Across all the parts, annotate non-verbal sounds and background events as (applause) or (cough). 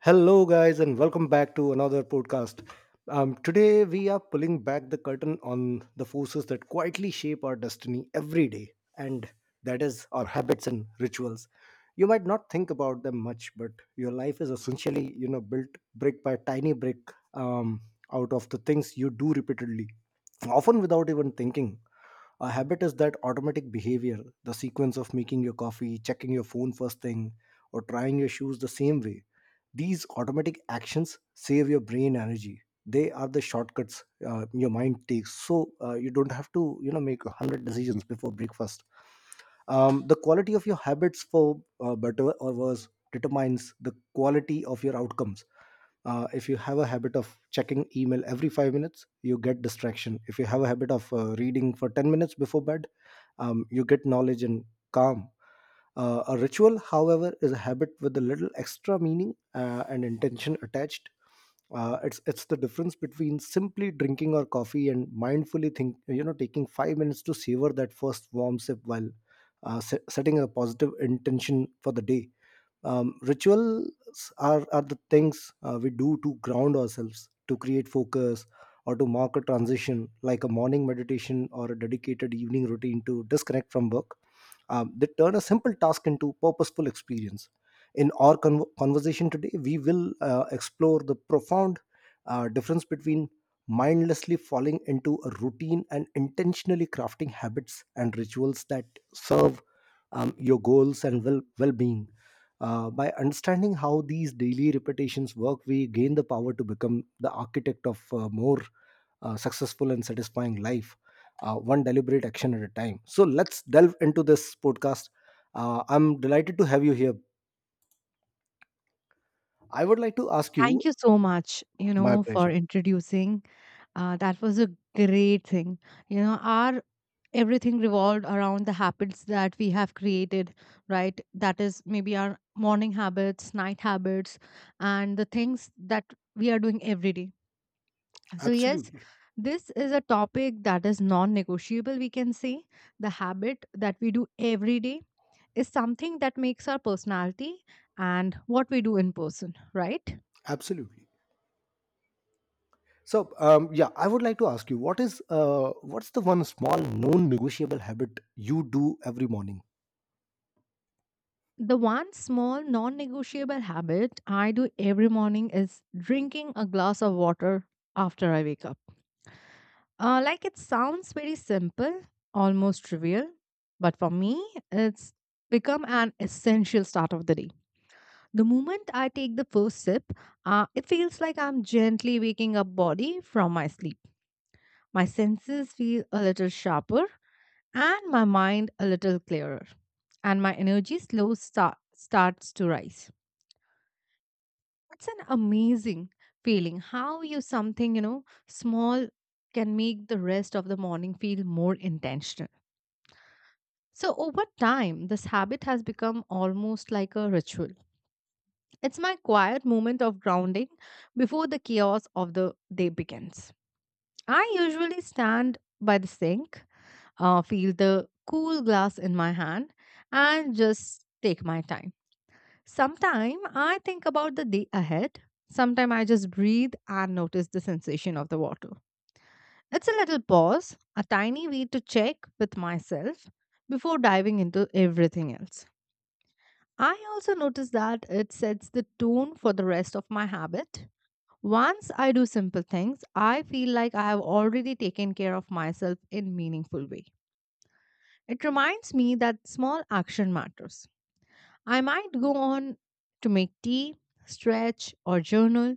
Hello, guys, and welcome back to another podcast. Today, we are pulling back the curtain on the forces that quietly shape our destiny every day, and that is our habits and rituals. You might not think about them much, but your life is essentially, built brick by tiny brick um, out of the things you do repeatedly, often without even thinking. A habit is that automatic behavior, the sequence of making your coffee, checking your phone first thing, or trying your shoes the same way. These automatic actions save your brain energy. They are the shortcuts your mind takes, so you don't have to, make 100 decisions before breakfast. The quality of your habits, for better or worse, determines the quality of your outcomes. If you have a habit of checking email every 5 minutes, you get distraction. If you have a habit of reading for 10 minutes before bed, you get knowledge and calm. A ritual, however, is a habit with a little extra meaning and intention attached. It's the difference between simply drinking our coffee and mindfully think, taking 5 minutes to savor that first warm sip while setting a positive intention for the day. Rituals are the things we do to ground ourselves, to create focus, or to mark a transition, like a morning meditation or a dedicated evening routine to disconnect from work. They turn a simple task into purposeful experience. In our conversation today, we will explore the profound difference between mindlessly falling into a routine and intentionally crafting habits and rituals that serve your goals and well-being. By understanding how these daily repetitions work, we gain the power to become the architect of a more successful and satisfying life, one deliberate action at a time. So let's delve into this podcast. I'm delighted to have you here. I would like to ask Thank you. you so much, you My know, for pleasure. introducing. That was a great thing. You know, our everything revolved around the habits that we have created, right? That is maybe our morning habits, night habits, and the things that we are doing every day. So, yes, Absolutely, this is a topic that is non negotiable, we can say. The habit that we do every day is something that makes our personality and what we do in person, right? absolutely. So yeah, I would like to ask you, what's the one small known negotiable habit you do every morning? The one small non negotiable habit I do every morning is drinking a glass of water after I wake up. Like it sounds very simple, almost trivial, but for me, it's become an essential start of the day. The moment I take the first sip, it feels like I'm gently waking up body from my sleep. My senses feel a little sharper and my mind a little clearer, and my energy starts to rise. It's an amazing feeling how you something, you know, small can make the rest of the morning feel more intentional. So, over time, this habit has become almost like a ritual. It's my quiet moment of grounding before the chaos of the day begins. I usually stand by the sink, feel the cool glass in my hand, and just take my time. Sometime I think about the day ahead. Sometime I just breathe and notice the sensation of the water. It's a little pause, a tiny way to check with myself before diving into everything else. I also notice that it sets the tone for the rest of my habit. Once I do simple things, I feel like I have already taken care of myself in meaningful way. It reminds me that small action matters. I might go on to make tea, stretch or journal.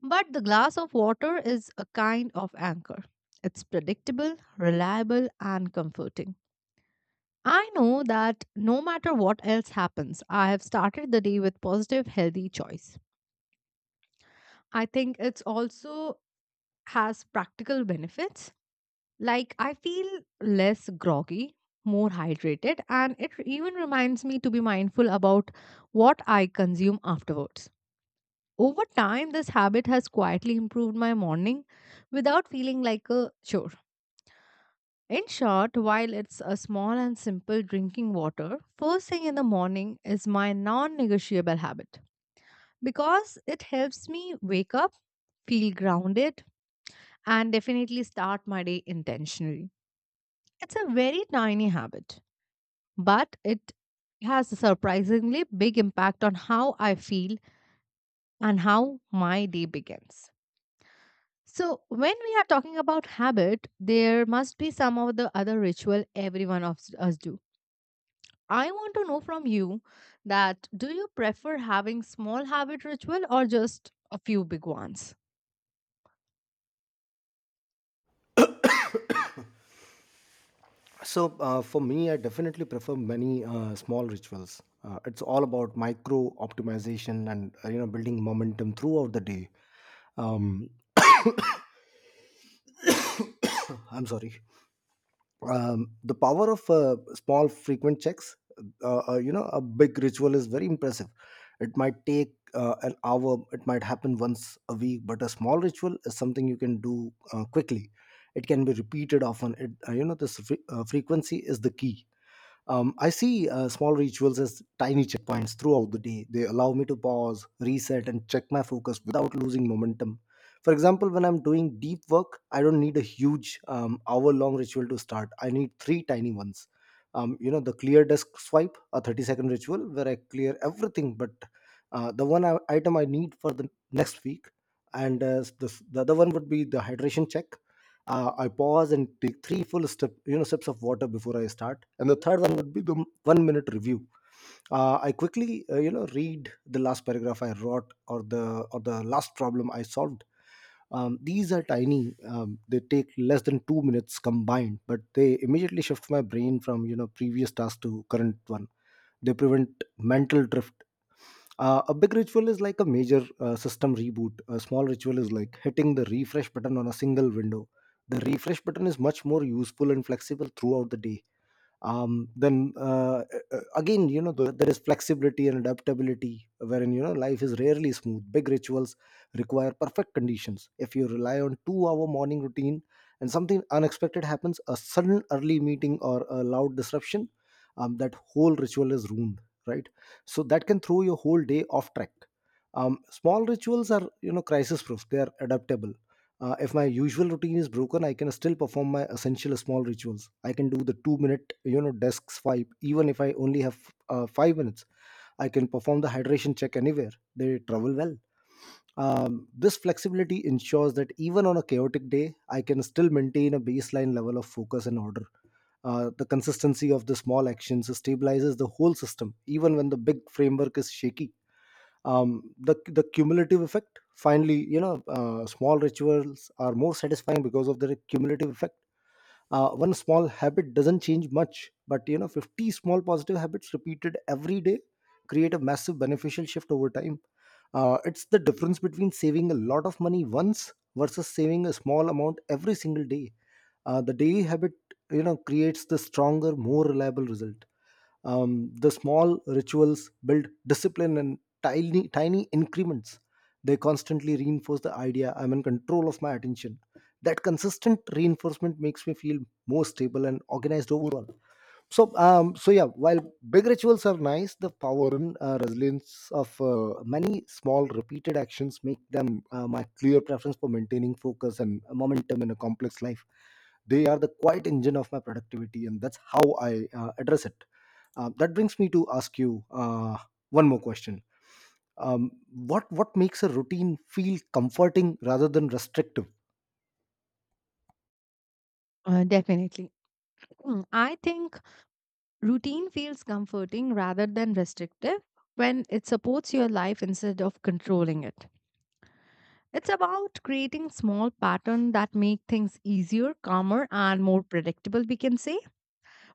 But the glass of water is a kind of anchor. It's predictable, reliable, and comforting. I know that no matter what else happens, I have started the day with positive, healthy choice. I think it's also has practical benefits. Like I feel less groggy, more hydrated, and it even reminds me to be mindful about what I consume afterwards. Over time, this habit has quietly improved my morning without feeling like a chore. In short, while it's a small and simple drinking water, first thing in the morning is my non negotiable habit because it helps me wake up, feel grounded, and definitely start my day intentionally. It's a very tiny habit, but it has a surprisingly big impact on how I feel and how my day begins. So, when we are talking about habit, there must be some of the other ritual every one of us do. I want to know from you that do you prefer having small habit ritual or just a few big ones? So, for me, I definitely prefer many small rituals. It's all about micro optimization and building momentum throughout the day. Um, I'm sorry. The power of small frequent checks. A big ritual is very impressive. It might take an hour. It might happen once a week, but a small ritual is something you can do quickly. It can be repeated often. It you know this fre- frequency is the key. I see small rituals as tiny checkpoints throughout the day. They allow me to pause, reset, and check my focus without losing momentum. For example, when I'm doing deep work, I don't need a huge hour long ritual to start. I need three tiny ones. The clear desk swipe, a 30-second ritual where I clear everything but the one item I need for the next week. And the other one would be the hydration check. I pause and take three full step, sips of water before I start. And the third one would be the 1 minute review. I quickly, read the last paragraph I wrote, or the last problem I solved. These are tiny; they take less than 2 minutes combined, but they immediately shift my brain from previous task to current one. They prevent mental drift. A big ritual is like a major system reboot. A small ritual is like hitting the refresh button on a single window. The refresh button is much more useful and flexible throughout the day, then again, there is flexibility and adaptability, wherein, life is rarely smooth. Big rituals require perfect conditions. If you rely on 2 hour morning routine and something unexpected happens, a sudden early meeting or a loud disruption, that whole ritual is ruined, right? So that can throw your whole day off track. Small rituals are, crisis proof. They are adaptable. If my usual routine is broken, I can still perform my essential small rituals. I can do the 2 minute, desk swipe. Even if I only have 5 minutes, I can perform the hydration check anywhere. They travel well. This flexibility ensures that even on a chaotic day, I can still maintain a baseline level of focus and order. The consistency of the small actions stabilizes the whole system, even when the big framework is shaky. The cumulative effect, finally: small rituals are more satisfying because of their cumulative effect. One small habit doesn't change much, but 50 small positive habits repeated every day create a massive beneficial shift over time. It's the difference between saving a lot of money once versus saving a small amount every single day. The daily habit, creates the stronger, more reliable result. The small rituals build discipline in tiny, tiny increments. They constantly reinforce the idea I'm in control of my attention. That consistent reinforcement makes me feel more stable and organized overall. So, yeah, while big rituals are nice, the power and resilience of many small repeated actions make them my clear preference for maintaining focus and momentum in a complex life. They are the quiet engine of my productivity, and that's how I address it. That brings me to ask you one more question. What makes a routine feel comforting rather than restrictive? Definitely. (clears throat) I think routine feels comforting rather than restrictive when it supports your life instead of controlling it. It's about creating small patterns that make things easier, calmer, and more predictable, we can say,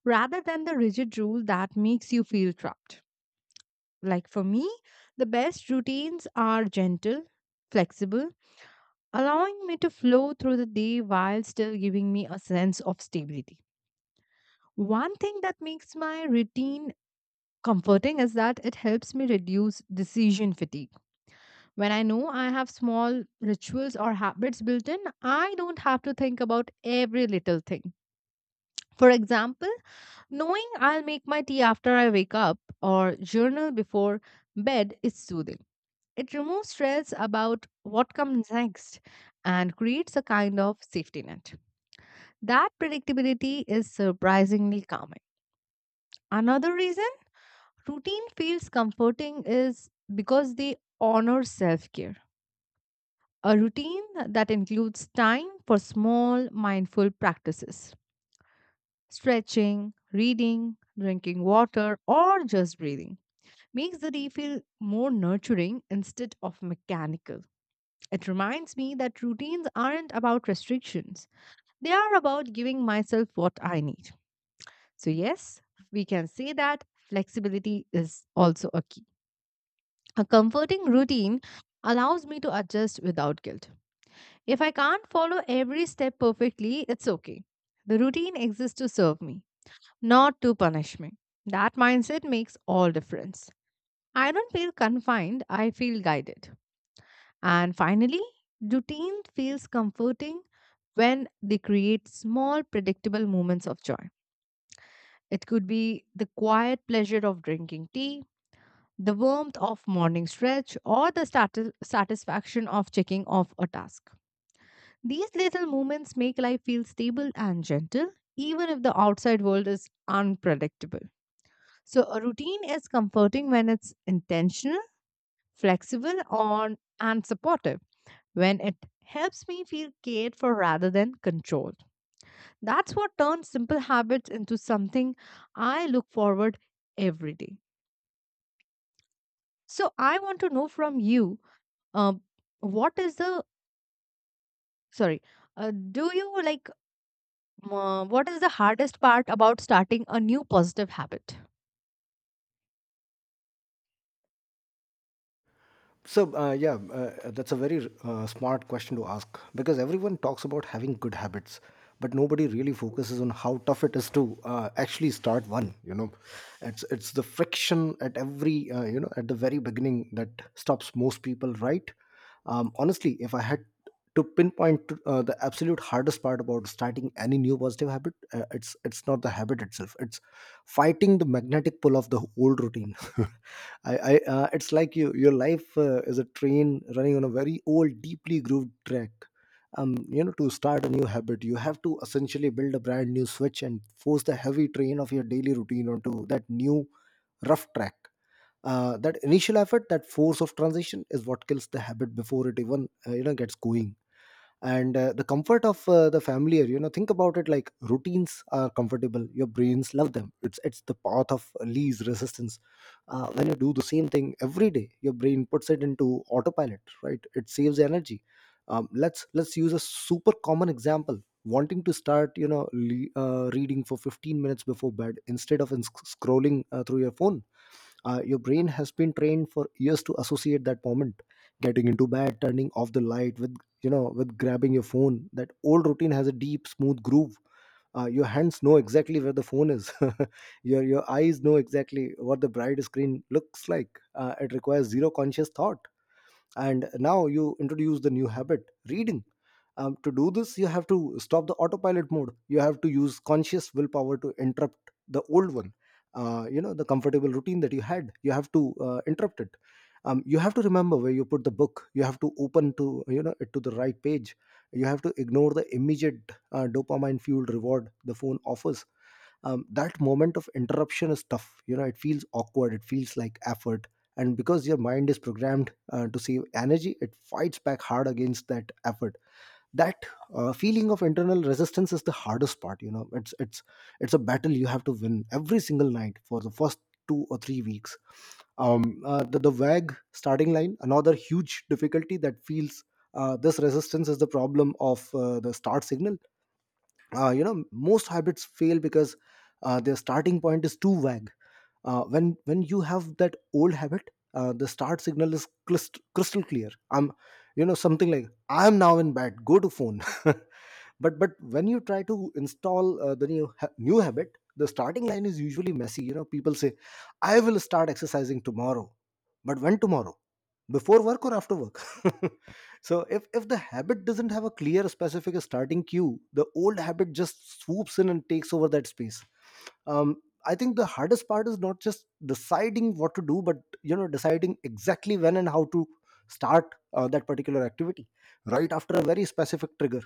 rather than the rigid rule that makes you feel trapped. Like for me, the best routines are gentle, flexible, allowing me to flow through the day while still giving me a sense of stability. One thing that makes my routine comforting is that it helps me reduce decision fatigue. When I know I have small rituals or habits built in, I don't have to think about every little thing. For example, knowing I'll make my tea after I wake up or journal before bed is soothing. It removes stress about what comes next and creates a kind of safety net. That predictability is surprisingly calming. Another reason routine feels comforting is because they honor self care, a routine that includes time for small mindful practices. Stretching, reading, drinking water, or just breathing makes the day feel more nurturing instead of mechanical. It reminds me that routines aren't about restrictions, they are about giving myself what I need. So, yes, we can say that flexibility is also a key. A comforting routine allows me to adjust without guilt. If I can't follow every step perfectly, it's okay. The routine exists to serve me, not to punish me. That mindset makes all difference. I don't feel confined, I feel guided. And finally, routine feels comforting when they create small predictable moments of joy. It could be the quiet pleasure of drinking tea, the warmth of morning stretch, or the satisfaction of checking off a task. These little moments make life feel stable and gentle, even if the outside world is unpredictable. So, a routine is comforting when it's intentional, flexible, on, and supportive, when it helps me feel cared for rather than controlled. That's what turns simple habits into something I look forward every day. So, I want to know from you uh, what is the sorry do you like, what is the hardest part about starting a new positive habit? So, yeah, that's a very smart question to ask, because everyone talks about having good habits, but nobody really focuses on how tough it is to actually start one. It's the friction at every at the very beginning that stops most people. Right? Honestly, if I had to pinpoint to, the absolute hardest part about starting any new positive habit, it's not the habit itself, it's fighting the magnetic pull of the old routine. (laughs) I it's like your life is a train running on a very old, deeply grooved track. To start a new habit, you have to essentially build a brand new switch and force the heavy train of your daily routine onto that new, rough track. That initial effort, that force of transition, is what kills the habit before it even gets going. And the comfort of the familiar, think about it, like routines are comfortable, your brains love them, it's the path of least resistance. When you do the same thing every day, your brain puts it into autopilot, right? It saves energy. Let's use a super common example: wanting to start, reading for 15 minutes before bed instead of scrolling through your phone. Your brain has been trained for years to associate that moment, getting into bed, turning off the light, with grabbing your phone. That old routine has a deep, smooth groove. Your hands know exactly where the phone is. (laughs) Your eyes know exactly what the bright screen looks like. It requires zero conscious thought. And now you introduce the new habit: reading. To do this, you have to stop the autopilot mode. You have to use conscious willpower to interrupt the old one. The comfortable routine that you had, you have to interrupt it. You have to remember where you put the book. You have to open to, it to the right page. You have to ignore the immediate dopamine fueled reward the phone offers. That moment of interruption is tough. It feels awkward, it feels like effort. And because your mind is programmed to save energy, it fights back hard against that effort. That feeling of internal resistance is the hardest part. It's a battle you have to win every single night for the first 2 or 3 weeks. The WAG starting line, another huge difficulty that feels. This resistance is the problem of the start signal. Most hybrids fail because their starting point is too vague. When you have that old habit, the start signal is crystal, crystal clear. I'm, something like, I'm now in bed, go to phone. (laughs) But when you try To install the new habit, the starting line is usually messy. You know, people say, "I will start exercising tomorrow," but when tomorrow? Before work or after work? (laughs) So if the habit doesn't have a clear, specific starting cue, the old habit just swoops in and takes over that space. um I think the hardest part is not just deciding what to do, but, you know, deciding exactly when and how to start that particular activity, right after a very specific trigger.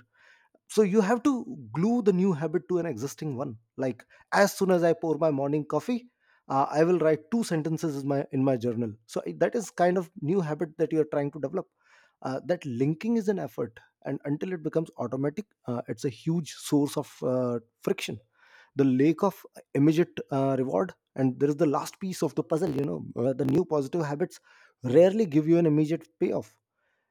So you have to glue the new habit to an existing one, like, "As soon as I pour my morning coffee, I will write two sentences in my journal." So that is kind of new habit that you are trying to develop. That linking is an effort, and until it becomes automatic, it's a huge source of friction. The lake of immediate reward, and there is the last piece of the puzzle, you know, the new positive habits rarely give you an immediate payoff.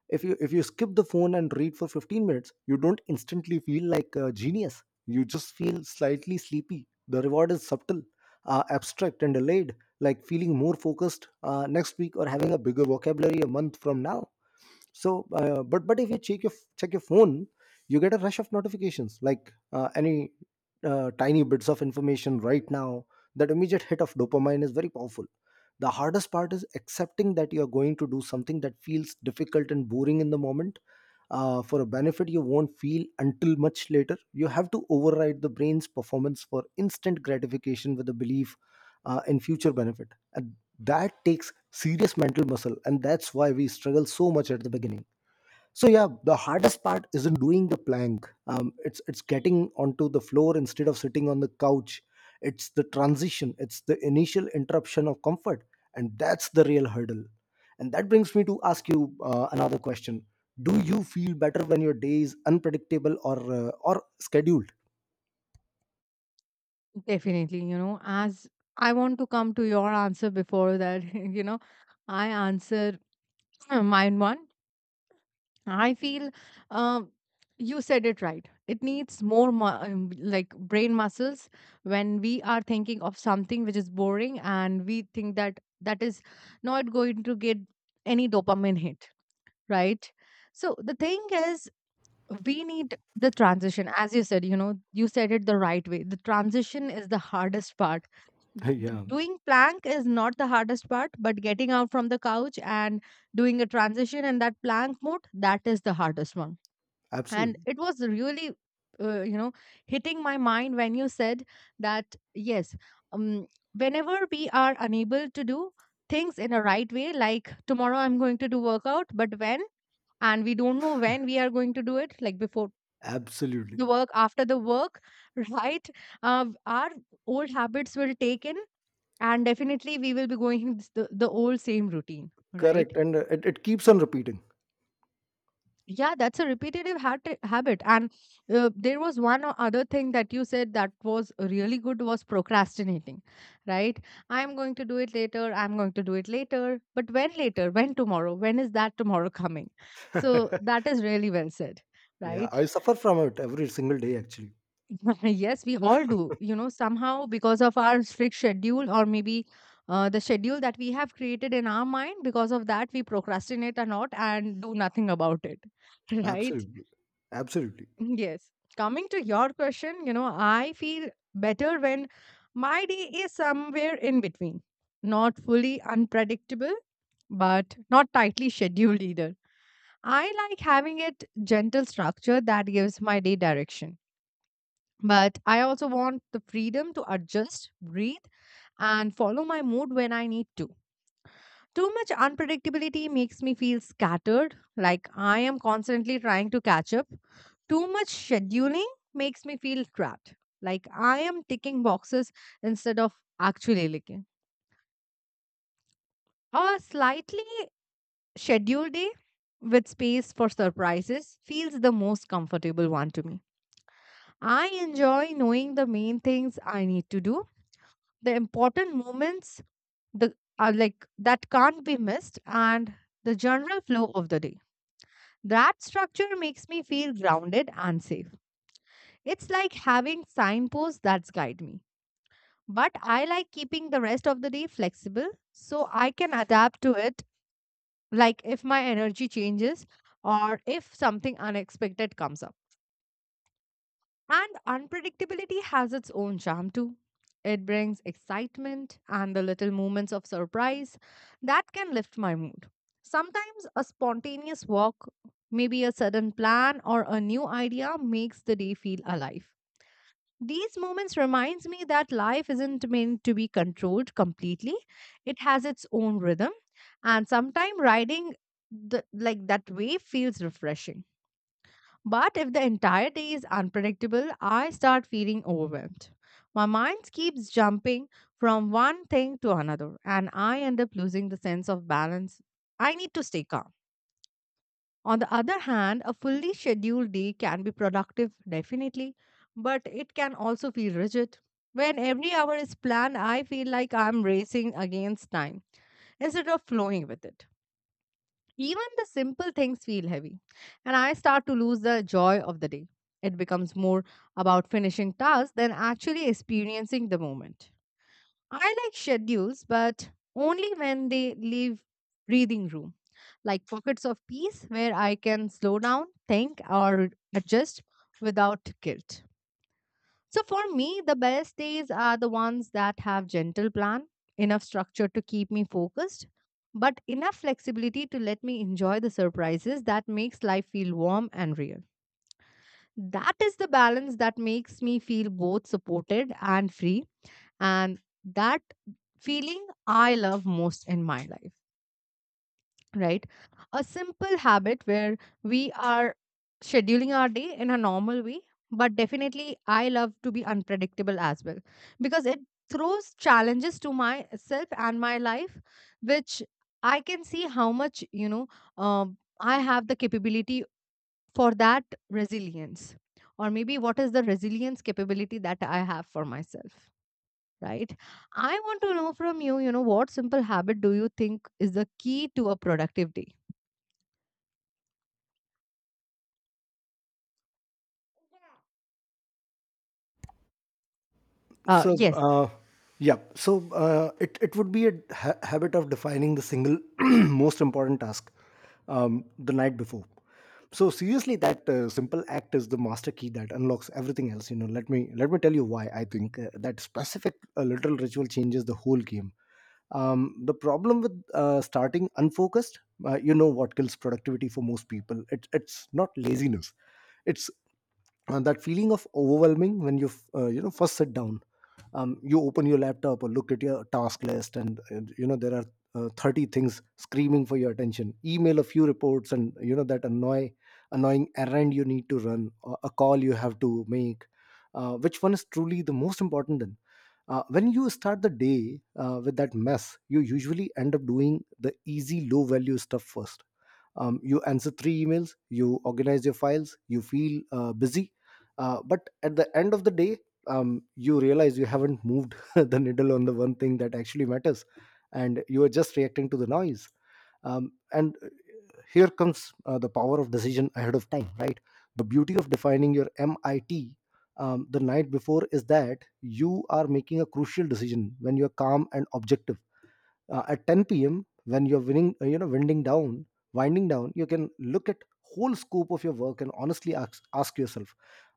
If you skip the phone and read for 15 minutes, you don't instantly feel like a genius, you just feel slightly sleepy. The reward is subtle, abstract and delayed, like feeling more focused next week or having a bigger vocabulary a month from now. So, but if you check your phone, you get a rush of notifications, like any tiny bits of information right now. That immediate hit of dopamine is very powerful. The hardest part is accepting that you are going to do something that feels difficult and boring in the moment for a benefit you won't feel until much later. You have to override the brain's performance for instant gratification with the belief in future benefit. At that takes serious mental muscle, and that's why we struggle so much at the beginning. So yeah, the hardest part isn't doing the plank, it's getting onto the floor instead of sitting on the couch. It's the transition, it's the initial interruption of comfort, and that's the real hurdle. And that brings me to ask you another question: do you feel better when your day is unpredictable or scheduled? Definitely, you know, as I want to come to your answer before that, (laughs) you know, I answer (clears throat) mine one. I feel um, you said it right. It needs more like brain muscles when we are thinking of something which is boring and we think that that is not going to get any dopamine hit, right? So the thing is, we need the transition. As you said, you know, you said it the right way. The transition is the hardest part. The, (laughs) Yeah. doing plank is not the hardest part, but getting out from the couch and doing a transition in that plank mode, that is the hardest one. And Absolutely. it was really you know hitting my mind when you said that yes, um, whenever we are unable to do things in a right way, like tomorrow I'm going to do workout but when, and we don't know when we are going to do it, like before Absolutely. the work, after the work, (laughs) right? Our old habits will take in and definitely we will be going (laughs) the old same routine, right? Correct. And it keeps on repeating. Yeah, that's a repetitive habit. And there was one other thing that you said that was really good was procrastinating, right? I'm going to do it later. I'm going to do it later. But when later? When tomorrow? When is that tomorrow coming? So (laughs) that is really well said, Yeah, right? I suffer from it every single day actually. (laughs) Yes, we all do. You know, somehow because of our strict schedule or maybe the schedule that we have created in our mind, because of that, we procrastinate a lot and do nothing about it, (laughs) right? Absolutely. Absolutely. Yes. Coming to your question, you know, I feel better when my day is somewhere in between. Not fully unpredictable, but not tightly (laughs) scheduled either. I like having it gentle structure that gives my day direction. But I also want the freedom to adjust, breathe, and follow my mood when I need to. Too much unpredictability makes me feel scattered, like I am constantly trying to catch up. Too much scheduling makes me feel trapped, like I am ticking boxes instead of actually looking. A slightly scheduled day with space for surprises feels the most comfortable one to me. I enjoy knowing the main things I need to do, the important moments the are like that can't be missed and the general flow of the day. That structure makes me feel grounded and safe. It's like having signposts that guide me. But I like keeping the rest of the day flexible so I can adapt to it, like if my energy changes or if something unexpected comes up. And unpredictability has its own charm too. It brings excitement and the little moments of surprise that can lift my mood. Sometimes a spontaneous walk, maybe a sudden plan or a new idea makes the day feel alive. These moments reminds me that life isn't meant to be controlled completely. It has its own rhythm and sometimes riding like that wave feels refreshing. But if the entire day is unpredictable, I start feeling overwhelmed. My mind keeps jumping from one thing to another, and I end up losing the sense of balance. I need to stay calm. On the other hand, a fully scheduled day can be productive, definitely, but it can also feel rigid. When every hour is planned, I feel like I'm racing against time instead of flowing with it. Even the simple things feel heavy, and I start to lose the joy of the day. It becomes more about finishing tasks than actually experiencing the moment. I like schedules, but only when they leave breathing room, like pockets of peace where I can slow down, think, or adjust without guilt. So for me, the best days are the ones that have gentle plan, enough structure to keep me focused, but enough flexibility to let me enjoy the surprises that makes life feel warm and real. That is the balance that makes me feel both supported and free, and that feeling I love most in my life, right? A simple habit where we are scheduling our day in a normal way, but definitely I love to be unpredictable as well because it throws challenges to myself and my life, which I can see how much, you know, I have the capability for that resilience, or maybe what is the resilience capability that I have for myself. Right. I want to know from you, you know, what simple habit do you think is the key to a productive day? Uh, So, yes, yeah. So it would be a habit of defining the single (clears throat) most important task the night before. So seriously, that simple act is the master key that unlocks everything else. You know, let me tell you why I think that specific little ritual changes the whole game. The problem with starting unfocused, you know, what kills productivity for most people? It's not laziness. It's that feeling of overwhelming when you you know, first sit down. You open your laptop or look at your task list, and you know there are 30 things screaming for your attention: email, a few reports, and, you know, that annoying errand you need to run or a call you have to make. Which one is truly the most important? Then when you start the day with that mess, you usually end up doing the easy, low value stuff first. You answer three emails, you organize your files, you feel busy, but at the end of the day, you realize you haven't moved (laughs) the needle on the one thing that actually matters, and you are just reacting to the noise. And Here comes the power of decision ahead of time, right? The beauty of defining your MIT the night before is that you are making a crucial decision when you are calm and objective. At 10 p.m. when you're winning, you know, winding down, you can look at whole scope of your work and honestly ask yourself,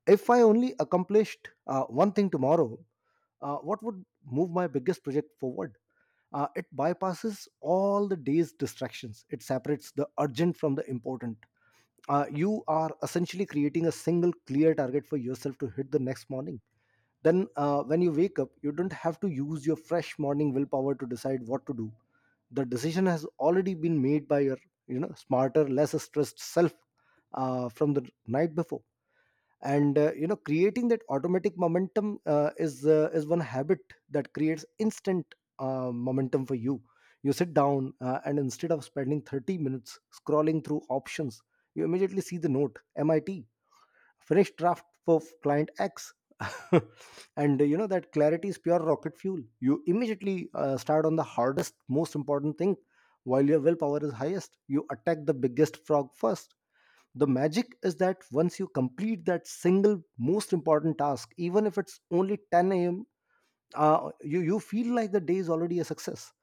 "If I only accomplished one thing tomorrow, what would move my biggest project forward?" It bypasses all the day's distractions. It separates the urgent from the important. You are essentially creating a single clear target for yourself to hit the next morning. Then, when you wake up, you don't have to use your fresh morning willpower to decide what to do. The decision has already been made by your, you know, smarter, less stressed self from the night before. And you know, creating that automatic momentum, uh, is one habit that creates instant momentum for you. You sit down and instead of spending 30 minutes scrolling through options, you immediately see the note: MIT, finished draft for client X. (laughs) And you know, that clarity is pure rocket fuel. You immediately start on the hardest, most important thing while your willpower is highest. You attack the biggest frog first. The magic is that once you complete that single most important task, even if it's only 10 a.m, you feel like the day is already a success.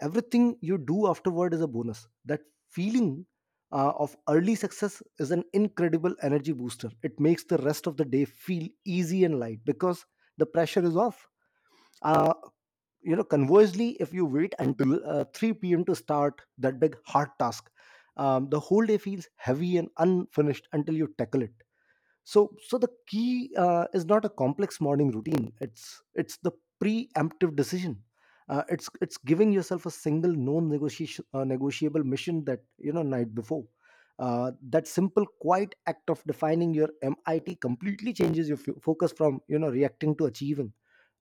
Everything you do afterward is a bonus. That feeling of early success is an incredible energy booster. It makes the rest of the day feel easy and light because the pressure is off. uh, you know, conversely, if you wait until 3 p.m to start that big hard task, the whole day feels heavy and unfinished until you tackle it. So the key is not a complex morning routine, it's the preemptive decision. It's giving yourself a single non negotiation negotiable mission that, you know, night before. That simple, quiet act of defining your MIT completely changes your focus from, you know, reacting to achieving,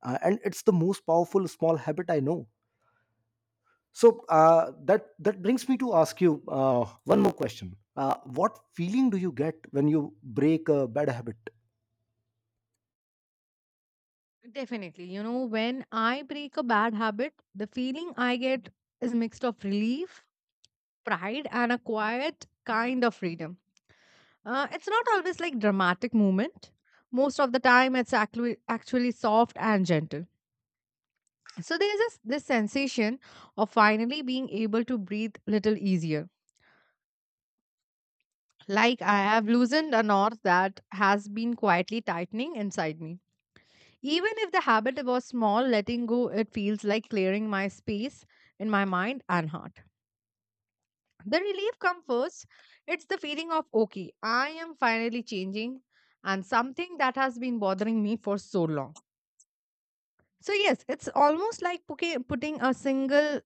and it's the most powerful small habit I know. So that brings me to ask you one more question: what feeling do you get when you break a bad habit? definitely. You know, when I break a bad habit, the feeling I get is mixed of relief, pride, and a quiet kind of freedom. It's not always like dramatic movement. Most of the time, it's actually soft and gentle. So there's this sensation of finally being able to breathe little easier. Like I have loosened a knot that has been quietly tightening inside me. Even if the habit was small, letting go, it feels like clearing my space in my mind and heart. The relief comes first. It's the feeling of, okay, I am finally changing and something that has been bothering me for so long. So, yes, it's almost like putting a single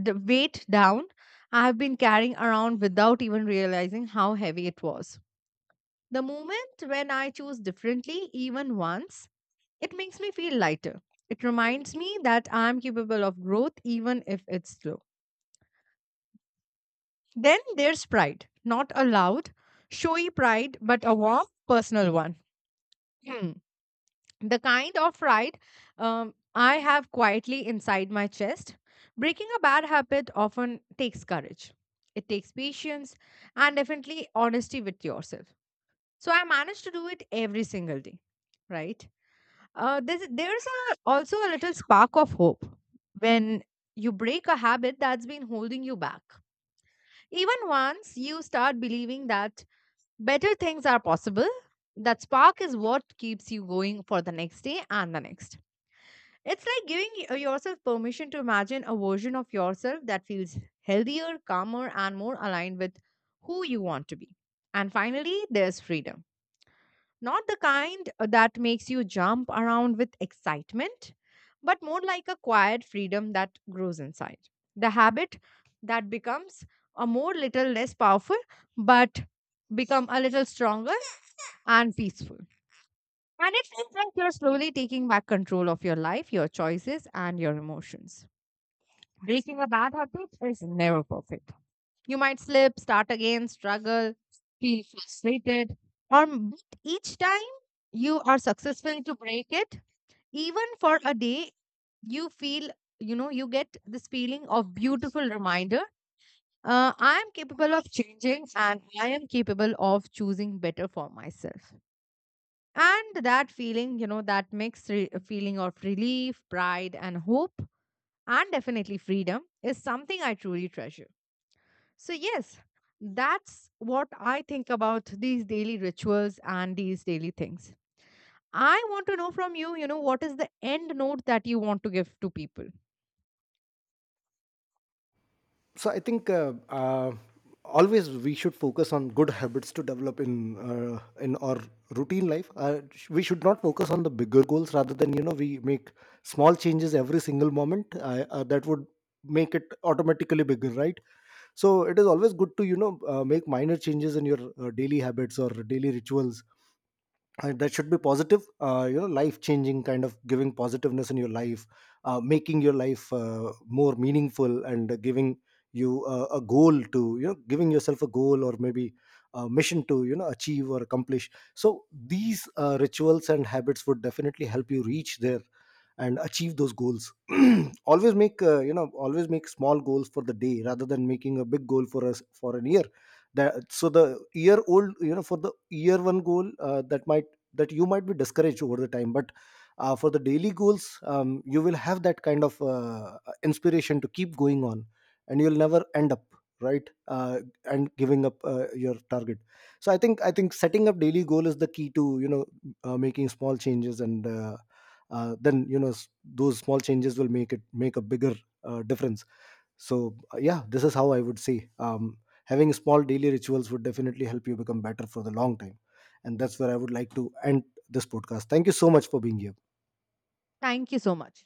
weight down I have been carrying around without even realizing how heavy it was. The moment when I choose differently, even once, it makes me feel lighter. It reminds me that I'm capable of growth even if it's slow. Then there's pride, not a loud, showy pride, but a warm, personal one. Hmm. The kind of pride I have quietly inside my chest. Breaking a bad habit often takes courage, it takes patience, and definitely honesty with yourself. So I manage to do it every single day, right? There's a, also a little spark of hope when you break a habit that's been holding you back. Even once you start believing that better things are possible, that spark is what keeps you going for the next day and the next. It's like giving yourself permission to imagine a version of yourself that feels healthier, calmer, and more aligned with who you want to be. And finally, there's freedom, not the kind that makes you jump around with excitement, but more like a quiet freedom that grows inside. The habit that becomes a more little less powerful, but become a little stronger and peaceful. And it feels like you're slowly taking back control of your life, your choices, and your emotions. Breaking a bad habit is never perfect. You might slip, start again, struggle, feel frustrated. But each time you are successful to break it, even for a day, you feel, you know, you get this feeling of beautiful reminder. I am capable of changing and I am capable of choosing better for myself. And that feeling, you know, that mixed feeling of relief, pride, and hope, and definitely freedom is something I truly treasure. So, yes, that's what I think about these daily rituals and these daily things. I want to know from you, you know, what is the end note that you want to give to people? So I think uh, always we should focus on good habits to develop in our routine life. We should not focus on the bigger goals, rather than, you know, we make small changes every single moment, that would make it automatically bigger, right? So it is always good to, you know, make minor changes in your daily habits or daily rituals, that should be positive, you know, life changing kind of giving positiveness in your life, making your life more meaningful and giving you a goal to, you know, giving yourself a goal or maybe a mission to, you know, achieve or accomplish. So these rituals and habits would definitely help you reach there and achieve those goals. (clears throat) Always make, you know, always make small goals for the day rather than making a big goal for us for an year. That so the year old, you know, for the year one goal, that might, that you might be discouraged over the time, but for the daily goals, you will have that kind of inspiration to keep going on, and you'll never end up right, and giving up your target. So I think setting up daily goal is the key to, you know, making small changes, and then, you know, those small changes will make it make a bigger difference. So yeah, this is how I would say, having small daily rituals would definitely help you become better for the long time, and that's where I would like to end this podcast. Thank you so much for being here. Thank you so much.